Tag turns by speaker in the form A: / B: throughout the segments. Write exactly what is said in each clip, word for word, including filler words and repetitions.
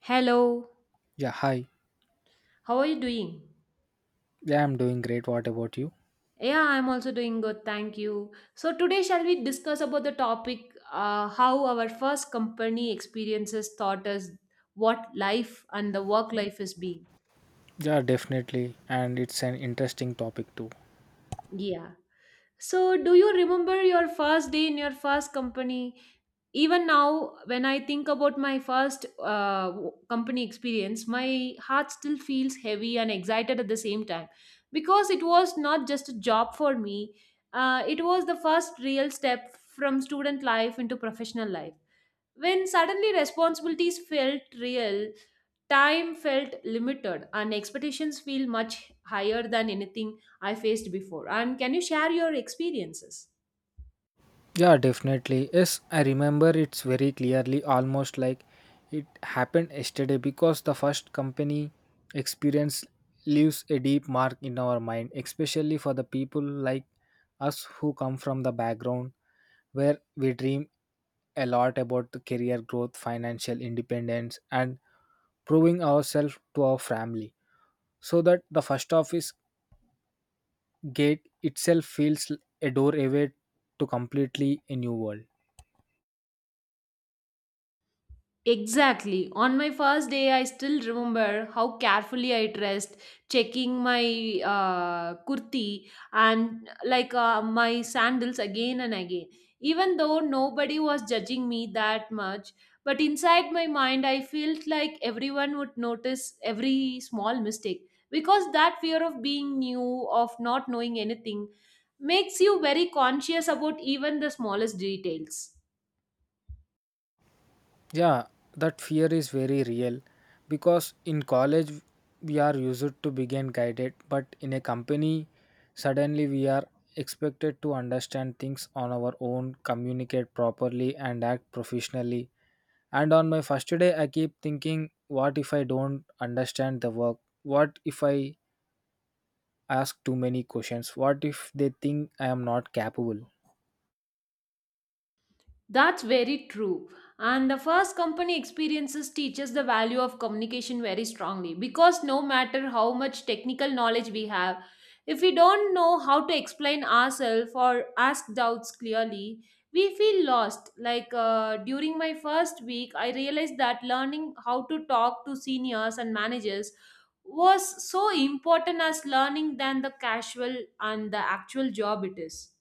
A: Hello,
B: Yeah, hi.
A: how are you doing?
B: Yeah, I'm doing great. What about you?
A: Yeah, I'm also doing good, thank you. So, today, shall we discuss about the topic uh, how our first company experiences taught us what life and the work life is being?
B: Yeah, definitely. And it's an interesting topic too.
A: Yeah. So, do you remember your first day in your first company? Even now, when I think about my first uh, w- company experience, my heart still feels heavy and excited at the same time because it was not just a job for me, uh, it was the first real step from student life into professional life. When suddenly responsibilities felt real, time felt limited, and expectations feel much higher than anything I faced before. And can you share your experiences?
B: Yeah, definitely. Yes, I remember it's very clearly, almost like it happened yesterday because the first company experience leaves a deep mark in our mind, especially for the people like us who come from the background where we dream a lot about the career growth, financial independence, and proving ourselves to our family. So that the first office gate itself feels l- a door away to completely a new world.
A: Exactly. On my first day, I still remember how carefully I dressed, checking my uh, kurti and like uh, my sandals again and again. Even though nobody was judging me that much, but inside my mind, I felt like everyone would notice every small mistake because that fear of being new, of not knowing anything, makes you very conscious about even the smallest details.
B: Yeah, that fear is very real because in college we are used to begin guided, but in a company suddenly we are expected to understand things on our own, communicate properly, and act professionally. And on my first day, I keep thinking, what if I don't understand the work? What if I ask too many questions? What if they think I am not capable?
A: That's very true. And the first company experiences teaches the value of communication very strongly because no matter how much technical knowledge we have, if we don't know how to explain ourselves or ask doubts clearly, we feel lost. Like uh, during my first week, I realized that learning how to talk to seniors and managers was so important as learning than the casual and the actual job it is.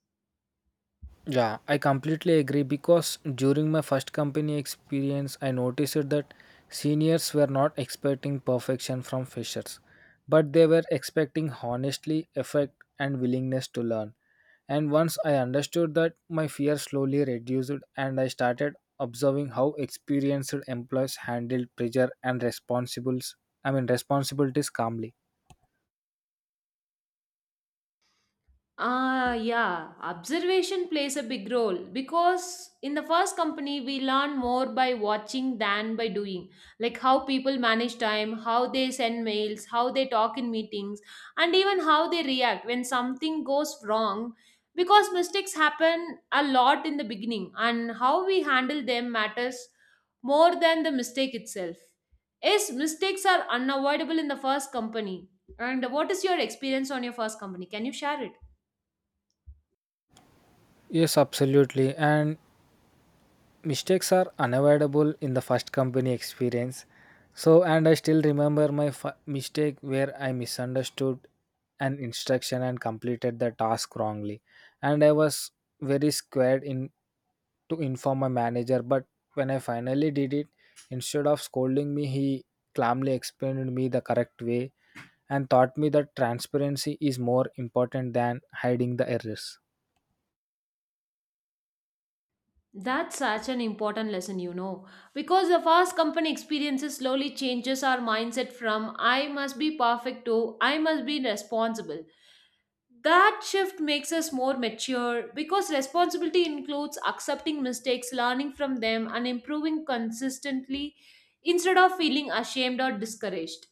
B: Yeah, I completely agree because during my first company experience, I noticed that seniors were not expecting perfection from freshers, but they were expecting honesty, effort, and willingness to learn. And once I understood that, my fear slowly reduced and I started observing how experienced employees handled pressure and responsibles I mean responsibilities calmly.
A: Ah, yeah, observation plays a big role because in the first company, we learn more by watching than by doing. Like how people manage time, how they send mails, how they talk in meetings, and even how they react when something goes wrong. Because mistakes happen a lot in the beginning, and how we handle them matters more than the mistake itself. Yes, mistakes are unavoidable in the first company. And what is your experience on your first company? Can you share it?
B: Yes, absolutely. And mistakes are unavoidable in the first company experience, so and I still remember my f- mistake where I misunderstood an instruction and completed the task wrongly, and I was very scared in to inform my manager, but when I finally did it, instead of scolding me, he calmly explained me the correct way and taught me that transparency is more important than hiding the errors.
A: That's such an important lesson, you know, because the fast company experiences slowly changes our mindset from I must be perfect to I must be responsible. That shift makes us more mature because responsibility includes accepting mistakes, learning from them, and improving consistently instead of feeling ashamed or discouraged.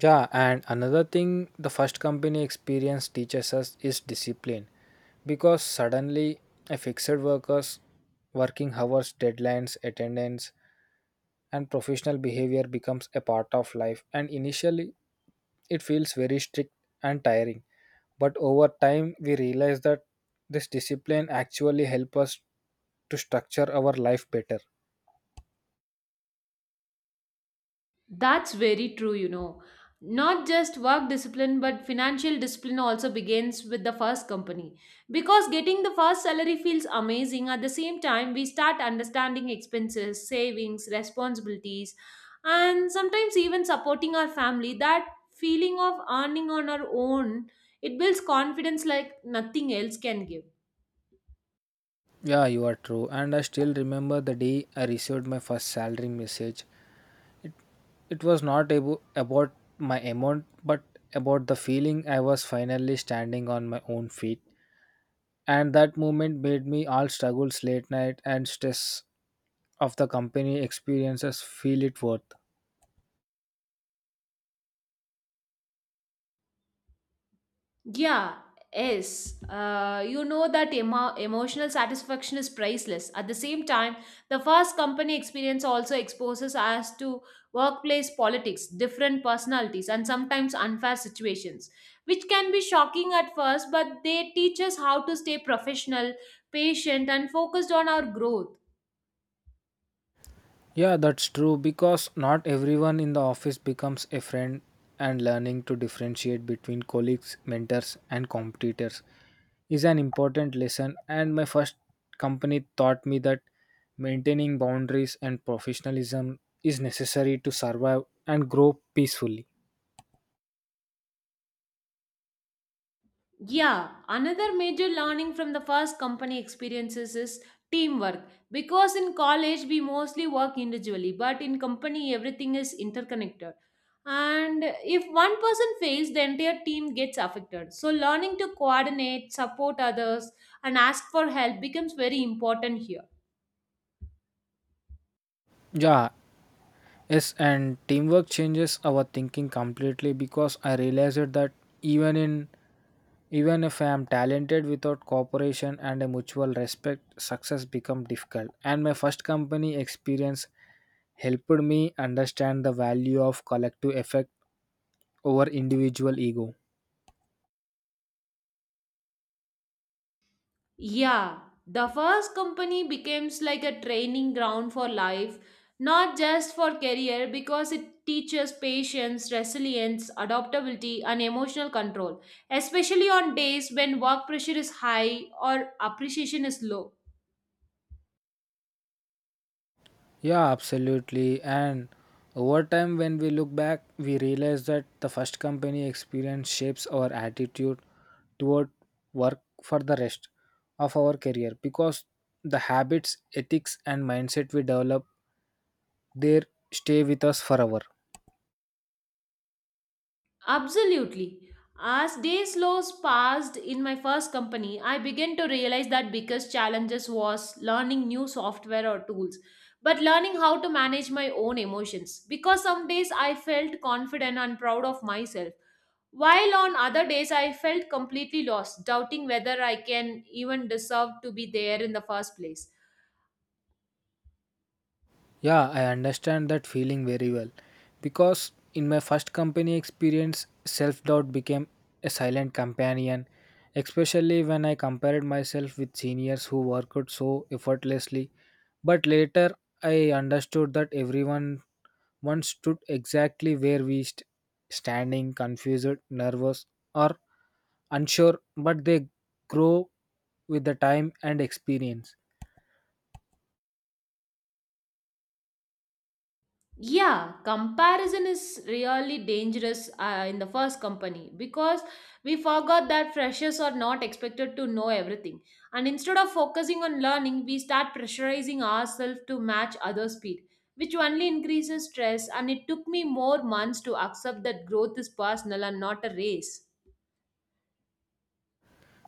B: Yeah, and another thing the first company experience teaches us is discipline, because suddenly a fixed workers working hours, deadlines, attendance, and professional behavior becomes a part of life, and initially it feels very strict and tiring, but over time we realize that this discipline actually help us to structure our life better.
A: That's very true, you know. Not just work discipline, but financial discipline also begins with the first company. Because getting the first salary feels amazing, at the same time, we start understanding expenses, savings, responsibilities, and sometimes even supporting our family. That feeling of earning on our own, it builds confidence like nothing else can give.
B: Yeah, you are true, and I still remember the day I received my first salary message. It was not abo- about my amount, but about the feeling I was finally standing on my own feet. And that moment made me all struggles late night and stress of the company experiences feel it worth.
A: Yeah, yes. Uh, you know that emo- emotional satisfaction is priceless. At the same time, the first company experience also exposes us to workplace politics, different personalities, and sometimes unfair situations, which can be shocking at first, but they teach us how to stay professional, patient, and focused on our growth.
B: Yeah, that's true because not everyone in the office becomes a friend, and learning to differentiate between colleagues, mentors and competitors is an important lesson, and my first company taught me that maintaining boundaries and professionalism is necessary to survive and grow peacefully.
A: Yeah, another major learning from the first company experiences is teamwork. Because in college we mostly work individually, but in company everything is interconnected. And if one person fails, the entire team gets affected. So learning to coordinate, support others, and ask for help becomes very important here.
B: Yeah, yes, and teamwork changes our thinking completely because I realized that even in even if I am talented without cooperation and a mutual respect, success becomes difficult. And my first company experience helped me understand the value of collective effect over individual ego.
A: Yeah, the first company becomes like a training ground for life, not just for career, because it teaches patience, resilience, adaptability, and emotional control, especially on days when work pressure is high or appreciation is low.
B: Yeah, absolutely. And over time, when we look back, we realize that the first company experience shapes our attitude toward work for the rest of our career, because the habits, ethics, and mindset we develop there stay with us forever.
A: Absolutely. As days slows passed in my first company, I began to realize that biggest challenges was learning new software or tools, but learning how to manage my own emotions. Because some days I felt confident and proud of myself, while on other days I felt completely lost, doubting whether I can even deserve to be there in the first place.
B: Yeah, I understand that feeling very well. Because in my first company experience, self doubt became a silent companion, especially when I compared myself with seniors who worked so effortlessly. But later, I understood that everyone once stood exactly where we st- standing, confused, nervous, or unsure, but they grow with the time and experience.
A: Yeah, comparison is really dangerous uh, in the first company because we forgot that freshers are not expected to know everything, and instead of focusing on learning we start pressurizing ourselves to match other speed, which only increases stress, and it took me more months to accept that growth is personal and not a race.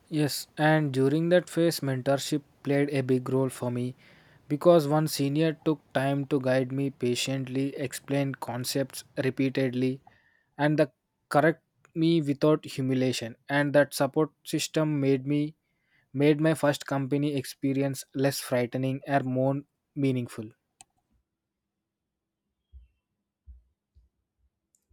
B: Yes, and during that phase, mentorship played a big role for me because one senior took time to guide me patiently, explain concepts repeatedly, and the correct me without humiliation. And that support system made me made my first company experience less frightening and more meaningful.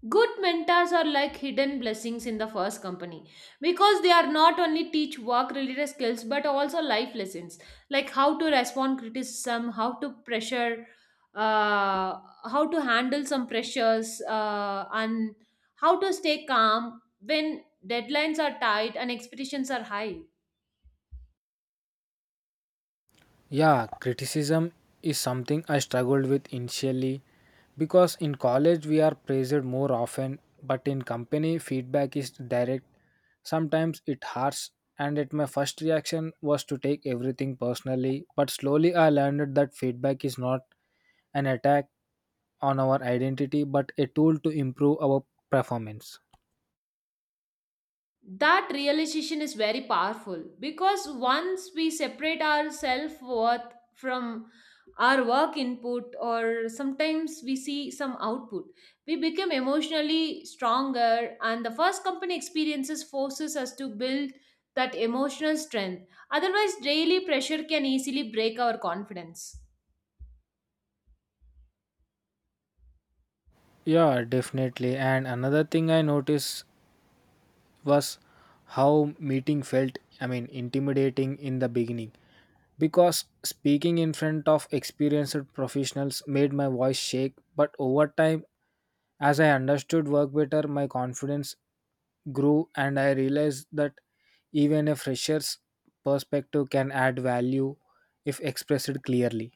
A: Good mentors are like hidden blessings in the first company because they are not only teach work related skills but also life lessons like how to respond criticism, how to pressure, uh, how to handle some pressures, uh, and how to stay calm when deadlines are tight and expectations are high.
B: Yeah, criticism is something I struggled with initially because in college we are praised more often, but in company feedback is direct. Sometimes it hurts, and at my first reaction was to take everything personally. But slowly I learned that feedback is not an attack on our identity but a tool to improve our performance.
A: That realization is very powerful because once we separate our self worth from our work input, or sometimes we see some output, we become emotionally stronger, and the first company experiences forces us to build that emotional strength, otherwise daily pressure can easily break our confidence.
B: Yeah, definitely. And another thing I noticed was how meeting felt, I mean, intimidating in the beginning because speaking in front of experienced professionals made my voice shake, but over time, as I understood work better, my confidence grew and I realized that even a fresher's perspective can add value if expressed clearly.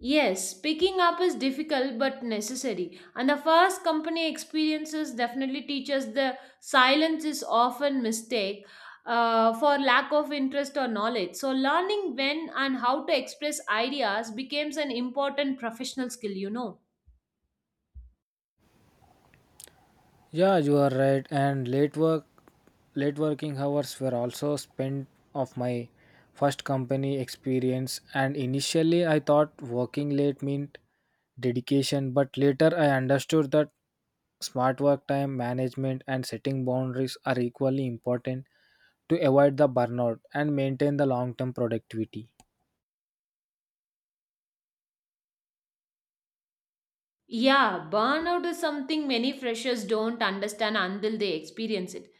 A: Yes, picking up is difficult but necessary. And the first company experiences definitely teaches the silence is often mistake uh, for lack of interest or knowledge. So learning when and how to express ideas becomes an important professional skill, you know.
B: Yeah, you are right. And late work, late working hours were also spent of my first company experience. And initially, I thought working late meant dedication, but later I understood that smart work time management and setting boundaries are equally important to avoid the burnout and maintain the long term productivity.
A: Yeah, burnout is something many freshers don't understand until they experience it.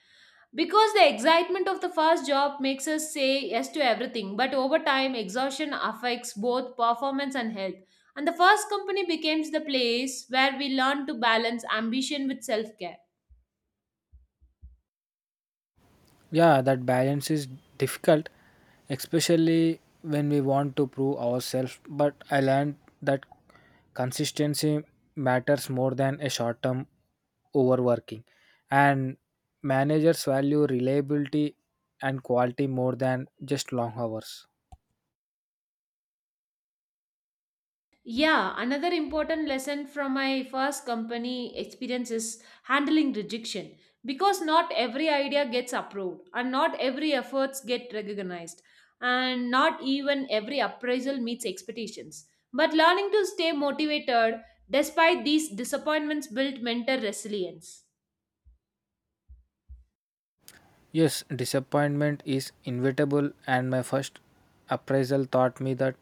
A: Because the excitement of the first job makes us say yes to everything, but over time, exhaustion affects both performance and health. And the first company becomes the place where we learn to balance ambition with self care.
B: Yeah, that balance is difficult, especially when we want to prove ourselves. But I learned that consistency matters more than a short term overworking, and managers value reliability and quality more than just long hours.
A: Yeah, another important lesson from my first company experience is handling rejection because not every idea gets approved and not every efforts get recognized and not even every appraisal meets expectations. But learning to stay motivated despite these disappointments build mental resilience.
B: Yes, disappointment is inevitable, and my first appraisal taught me that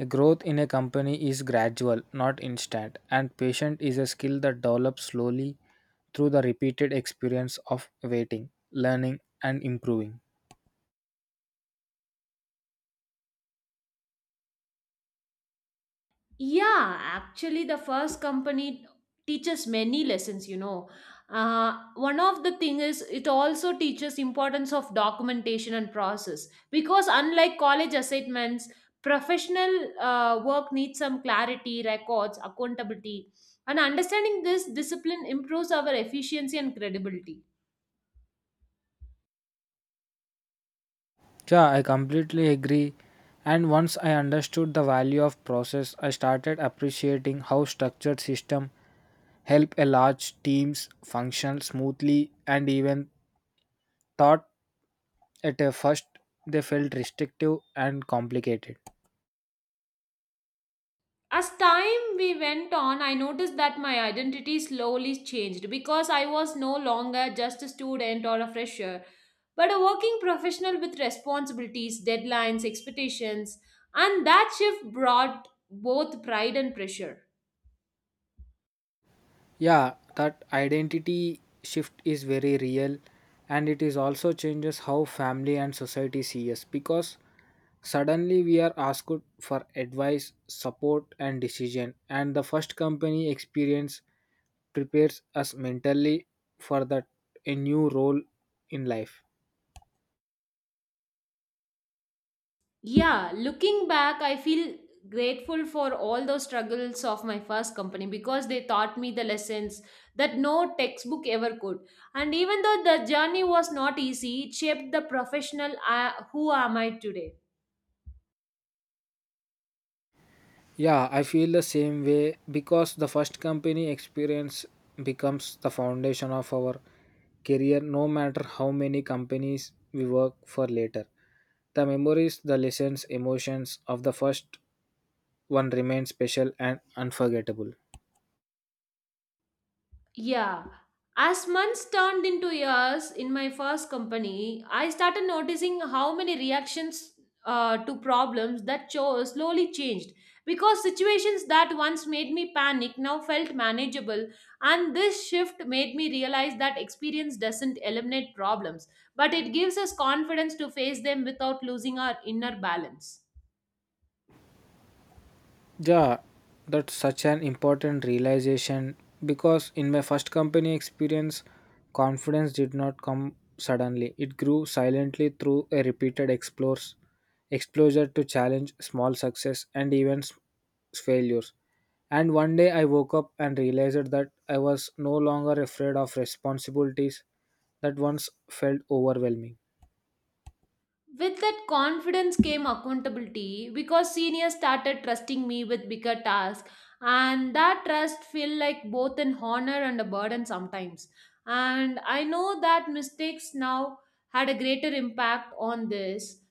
B: a growth in a company is gradual, not instant, and patience is a skill that develops slowly through the repeated experience of waiting, learning, and improving.
A: Yeah, actually, the first company teaches many lessons, you know. Uh, one of the thing is it also teaches importance of documentation and process because unlike college assignments, professional uh, work needs some clarity, records, accountability, and understanding this discipline improves our efficiency and credibility.
B: Yeah, I completely agree. And once I understood the value of process, I started appreciating how structured system help a large teams function smoothly and even thought at uh, first, they felt restrictive and complicated.
A: As time we went on, I noticed that my identity slowly changed because I was no longer just a student or a fresher, but a working professional with responsibilities, deadlines, expectations, and that shift brought both pride and pressure.
B: Yeah, that identity shift is very real, and it is also changes how family and society see us because suddenly we are asked for advice, support and decision, and the first company experience prepares us mentally for that a new role in life.
A: Yeah, looking back, I feel grateful for all those struggles of my first company because they taught me the lessons that no textbook ever could. And even though the journey was not easy, it shaped the professional I, who am I today.
B: Yeah, I feel the same way because the first company experience becomes the foundation of our career, no matter how many companies we work for later. The memories, the lessons, emotions of the first one remain special and unforgettable.
A: Yeah. As months turned into years in my first company, I started noticing how many reactions uh, to problems that chose slowly changed because situations that once made me panic now felt manageable, and this shift made me realize that experience doesn't eliminate problems, but it gives us confidence to face them without losing our inner balance.
B: Yeah, that's such an important realization because in my first company experience, confidence did not come suddenly. It grew silently through a repeated explores, exposure to challenge, small success, and even s- failures. And one day I woke up and realized that I was no longer afraid of responsibilities that once felt overwhelming.
A: With that confidence came accountability because seniors started trusting me with bigger tasks, and that trust felt like both an honor and a burden sometimes. And I know that mistakes now had a greater impact on this.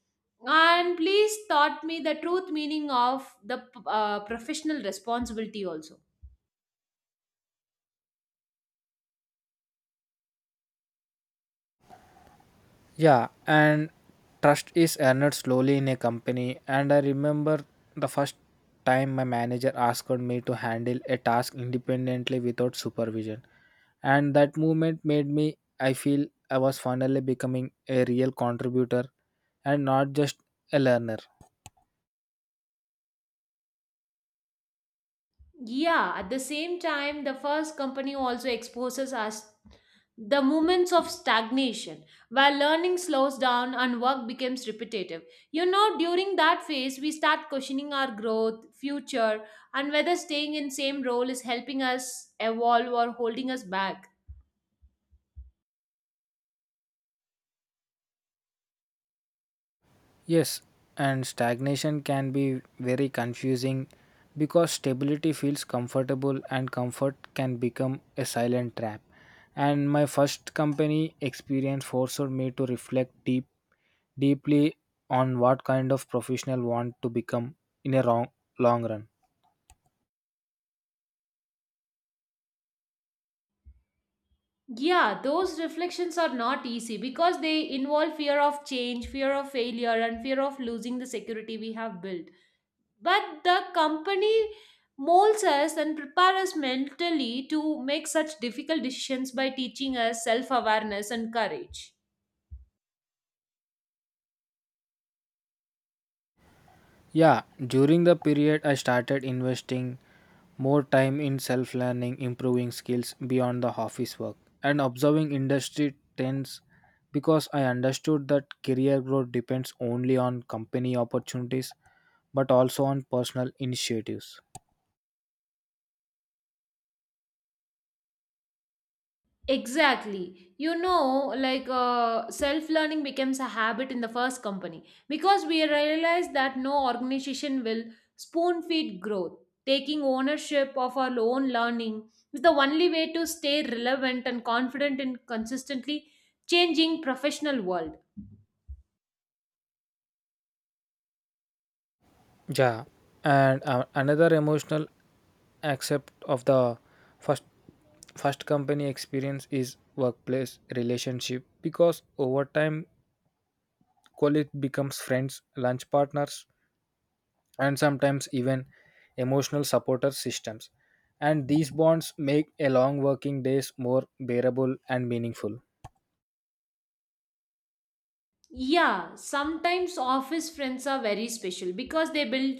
A: And please taught me the truth meaning of the uh, professional responsibility also.
B: Yeah, and trust is earned slowly in a company. And I remember the first time my manager asked me to handle a task independently without supervision. And that movement made me I feel I was finally becoming a real contributor and not just a learner.
A: Yeah, at the same time, the first company also exposes us the moments of stagnation where learning slows down and work becomes repetitive. You know, during that phase, we start questioning our growth, future, and whether staying in same role is helping us evolve or holding us back.
B: Yes, and stagnation can be very confusing because stability feels comfortable and comfort can become a silent trap. And my first company experience forced me to reflect deep deeply on what kind of professional want to become in a long, long run.
A: Yeah, those reflections are not easy because they involve fear of change, fear of failure, and fear of losing the security we have built. But the company molds us and prepares us mentally to make such difficult decisions by teaching us self awareness and courage.
B: Yeah, during the period I started investing more time in self learning, improving skills beyond the office work, and observing industry trends because I understood that career growth depends only on company opportunities but also on personal initiatives.
A: Exactly. You know, like uh, self learning becomes a habit in the first company because we realize that no organization will spoon feed growth. Taking ownership of our own learning is the only way to stay relevant and confident in consistently changing professional world.
B: Yeah, and uh, another emotional aspect of the first first company experience is workplace relationship because over time colleagues becomes friends, lunch partners, and sometimes even emotional supporter systems. And these bonds make a long working days more bearable and meaningful.
A: Yeah, sometimes office friends are very special because they build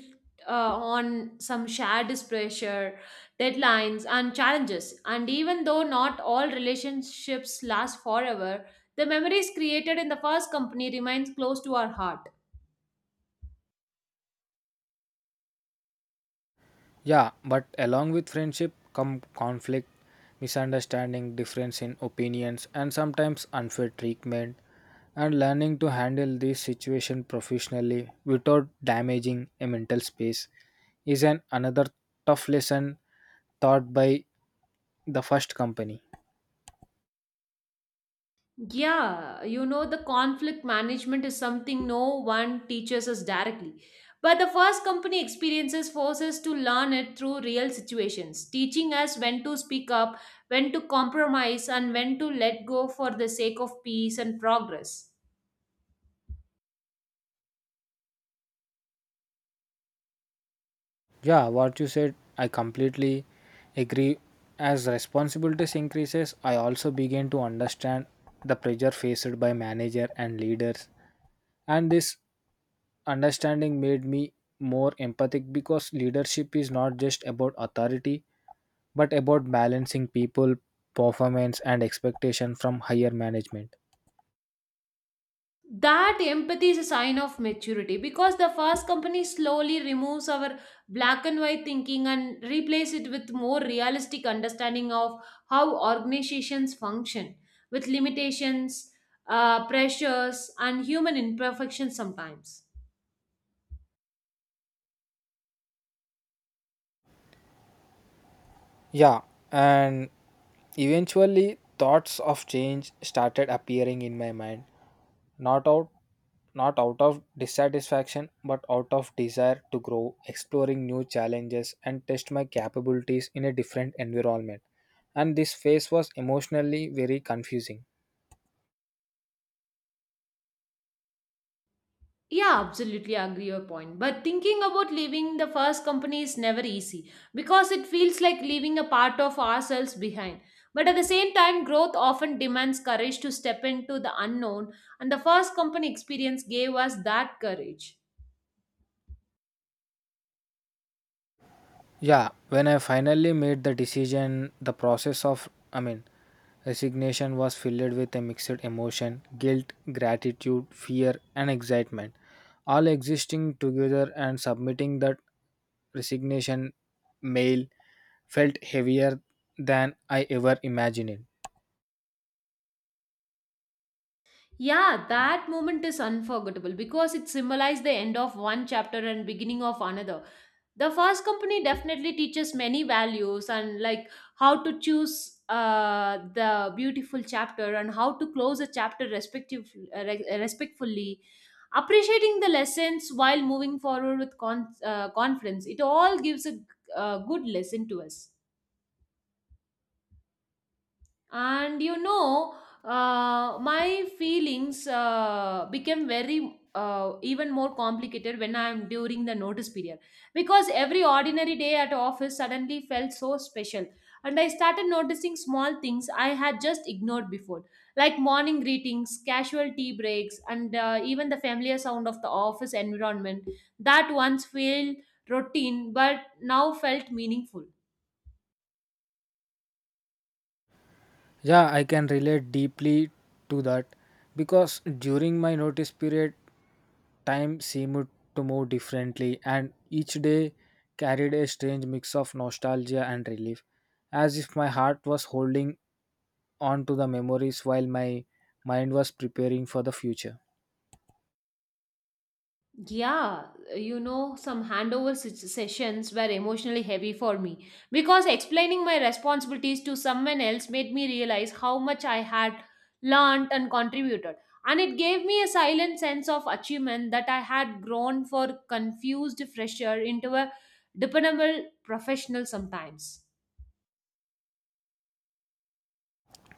A: uh, on some shared pressure, deadlines, and challenges. And even though not all relationships last forever, the memories created in the first company remains close to our heart.
B: Yeah, but along with friendship come conflict, misunderstanding, difference in opinions, and sometimes unfair treatment. And learning to handle this situation professionally without damaging a mental space is an another tough lesson taught by the first company.
A: Yeah, you know, the conflict management is something no one teaches us directly. But the first company experiences force us to learn it through real situations, teaching us when to speak up, when to compromise, and when to let go for the sake of peace and progress.
B: Yeah, what you said, I completely agree. As responsibilities increases, I also begin to understand the pressure faced by manager and leaders. And this understanding made me more empathic because leadership is not just about authority, but about balancing people, performance and expectation from higher management.
A: That empathy is a sign of maturity because the fast company slowly removes our black and white thinking and replace it with more realistic understanding of how organizations function with limitations, uh, pressures and human imperfections sometimes.
B: Yeah, and eventually thoughts of change started appearing in my mind, not out not out of dissatisfaction but out of desire to grow, exploring new challenges, and test my capabilities in a different environment. And this phase was emotionally very confusing.
A: Yeah, absolutely agree your point. But thinking about leaving the first company is never easy because it feels like leaving a part of ourselves behind. But at the same time, growth often demands courage to step into the unknown, and the first company experience gave us that courage.
B: Yeah, when I finally made the decision, the process of, I mean, resignation was filled with a mixed emotion, guilt, gratitude, fear, and excitement, all existing together, and submitting that resignation mail felt heavier than I ever imagined.
A: Yeah, that moment is unforgettable because it symbolized the end of one chapter and beginning of another. The first company definitely teaches many values, and like how to choose uh, the beautiful chapter and how to close a chapter respective, uh, re- uh, respectfully, appreciating the lessons while moving forward with con- uh, confidence. It all gives a, a good lesson to us. And you know uh, My feelings uh, became very uh, even more complicated when I'm during the notice period, because every ordinary day at office suddenly felt so special, and I started noticing small things I had just ignored before, like morning greetings, casual tea breaks, and uh, even the familiar sound of the office environment that once felt routine but now felt meaningful.
B: Yeah, I can relate deeply to that because during my notice period, time seemed to move differently, and each day carried a strange mix of nostalgia and relief, as if my heart was holding on to the memories while my mind was preparing for the future.
A: Yeah, you know, some handover se- sessions were emotionally heavy for me, because explaining my responsibilities to someone else made me realize how much I had learned and contributed. And it gave me a silent sense of achievement that I had grown for confused fresher into a dependable professional sometimes.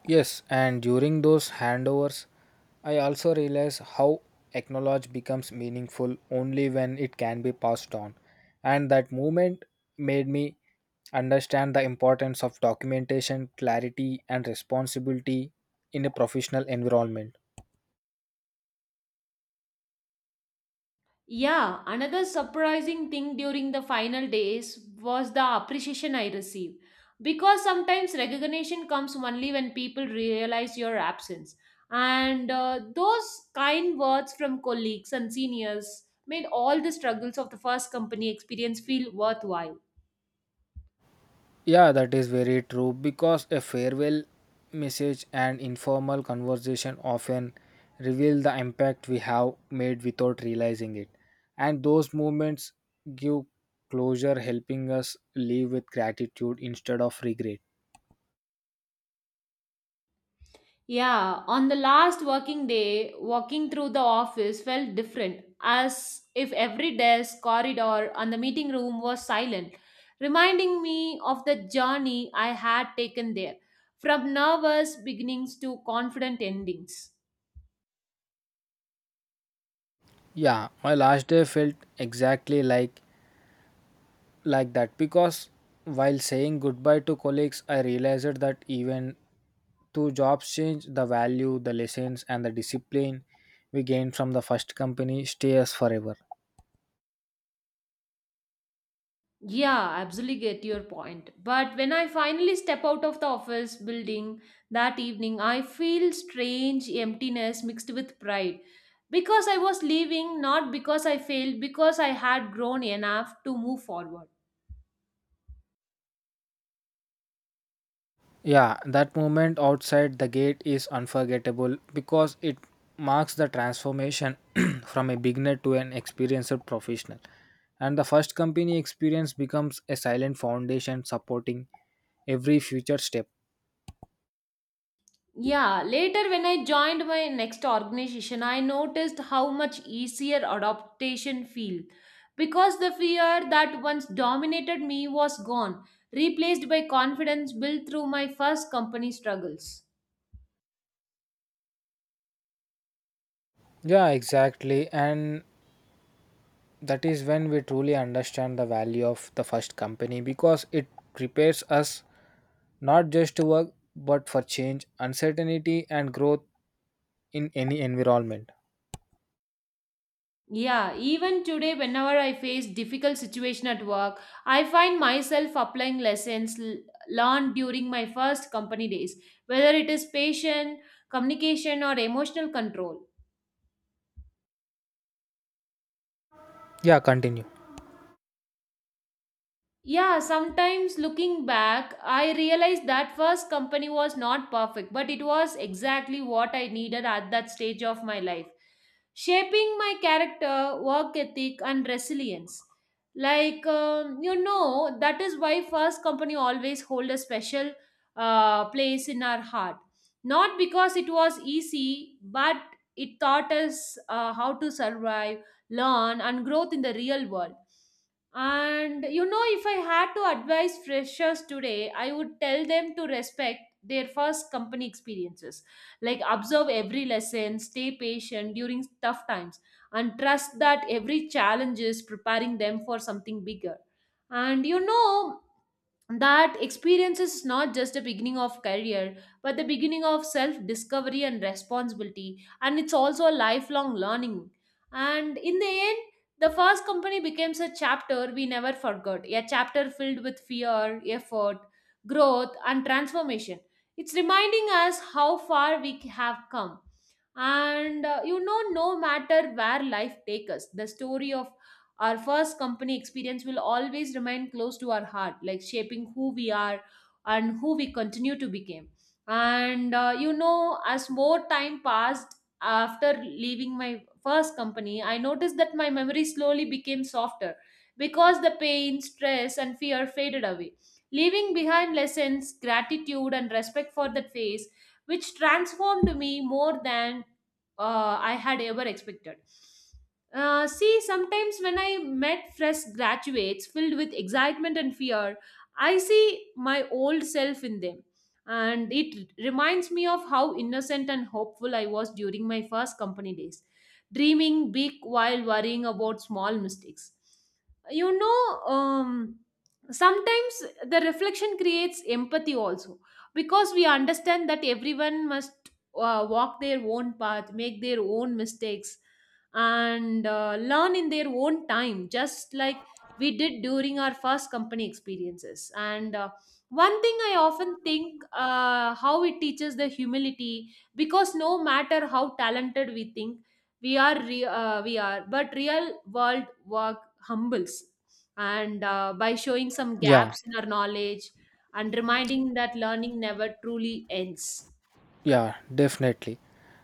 B: Yes, and during those handovers, I also realize how acknowledge becomes meaningful only when it can be passed on. And that movement made me understand the importance of documentation, clarity, and responsibility in a professional environment.
A: Yeah, another surprising thing during the final days was the appreciation I received, because sometimes recognition comes only when people realize your absence. And uh, those kind words from colleagues and seniors made all the struggles of the first company experience feel worthwhile.
B: Yeah, that is very true because a farewell message and informal conversation often reveal the impact we have made without realizing it. And those moments give closure, helping us live with gratitude instead of regret.
A: Yeah, on the last working day, walking through the office felt different, as if every desk, corridor, and the meeting room was silent, reminding me of the journey I had taken there, from nervous beginnings to confident endings.
B: Yeah, my last day felt exactly like like that because while saying goodbye to colleagues, I realized that even to jobs change, the value, the lessons, and the discipline we gain from the first company stay us forever.
A: Yeah, I absolutely get your point. But when I finally step out of the office building that evening, I feel strange emptiness mixed with pride. Because I was leaving, not because I failed, because I had grown enough to move forward.
B: Yeah, that moment outside the gate is unforgettable because it marks the transformation from a beginner to an experienced professional. And the first company experience becomes a silent foundation supporting every future step.
A: Yeah, later when I joined my next organization, I noticed how much easier adaptation feel, because the fear that once dominated me was gone, replaced by confidence built through my first company struggles.
B: Yeah, exactly. And that is when we truly understand the value of the first company because it prepares us not just to work but for change, uncertainty, and growth in any environment.
A: Yeah, even today, whenever I face difficult situation at work, I find myself applying lessons l- learned during my first company days, whether it is patient, communication, or emotional control.
B: Yeah, continue.
A: Yeah, sometimes looking back, I realized that first company was not perfect, but it was exactly what I needed at that stage of my life, shaping my character, work ethic, and resilience. Like, um, you know, that is why first company always hold a special uh, place in our heart. Not because it was easy, but it taught us uh, how to survive, learn, and growth in the real world. And you know, if I had to advise freshers today, I would tell them to respect their first company experiences. Like, observe every lesson, stay patient during tough times, and trust that every challenge is preparing them for something bigger. And you know, that experience is not just the beginning of career but the beginning of self discovery and responsibility, and it's also a lifelong learning. And in the end, the first company becomes a chapter we never forgot, a chapter filled with fear, effort, growth, and transformation. It's reminding us how far we have come. And uh, you know no matter where life takes us, the story of our first company experience will always remain close to our heart, like shaping who we are and who we continue to become. And uh, you know, as more time passed after leaving my first company, I noticed that my memory slowly became softer, because the pain, stress, and fear faded away, leaving behind lessons, gratitude, and respect for that phase, which transformed me more than uh, I had ever expected. Uh, see, sometimes when I met fresh graduates filled with excitement and fear, I see my old self in them. And it reminds me of how innocent and hopeful I was during my first company days, dreaming big while worrying about small mistakes. You know, um, Sometimes the reflection creates empathy also, because we understand that everyone must uh, walk their own path, make their own mistakes, and uh, learn in their own time, just like we did during our first company experiences. And uh, one thing I often think, uh, how it teaches the humility, because no matter how talented we think we are, re- uh, we are, but real world work humbles. And uh, by showing some
B: Yeah,
A: gaps in our knowledge and reminding that learning never truly ends.
B: yeah, definitely.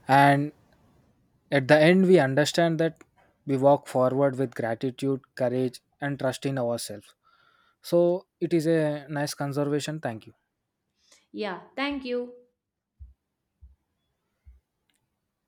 B: And at the end, we understand that we walk forward with gratitude, courage, and trust in ourselves. So it is a nice conservation. Thank you.
A: Yeah, thank you.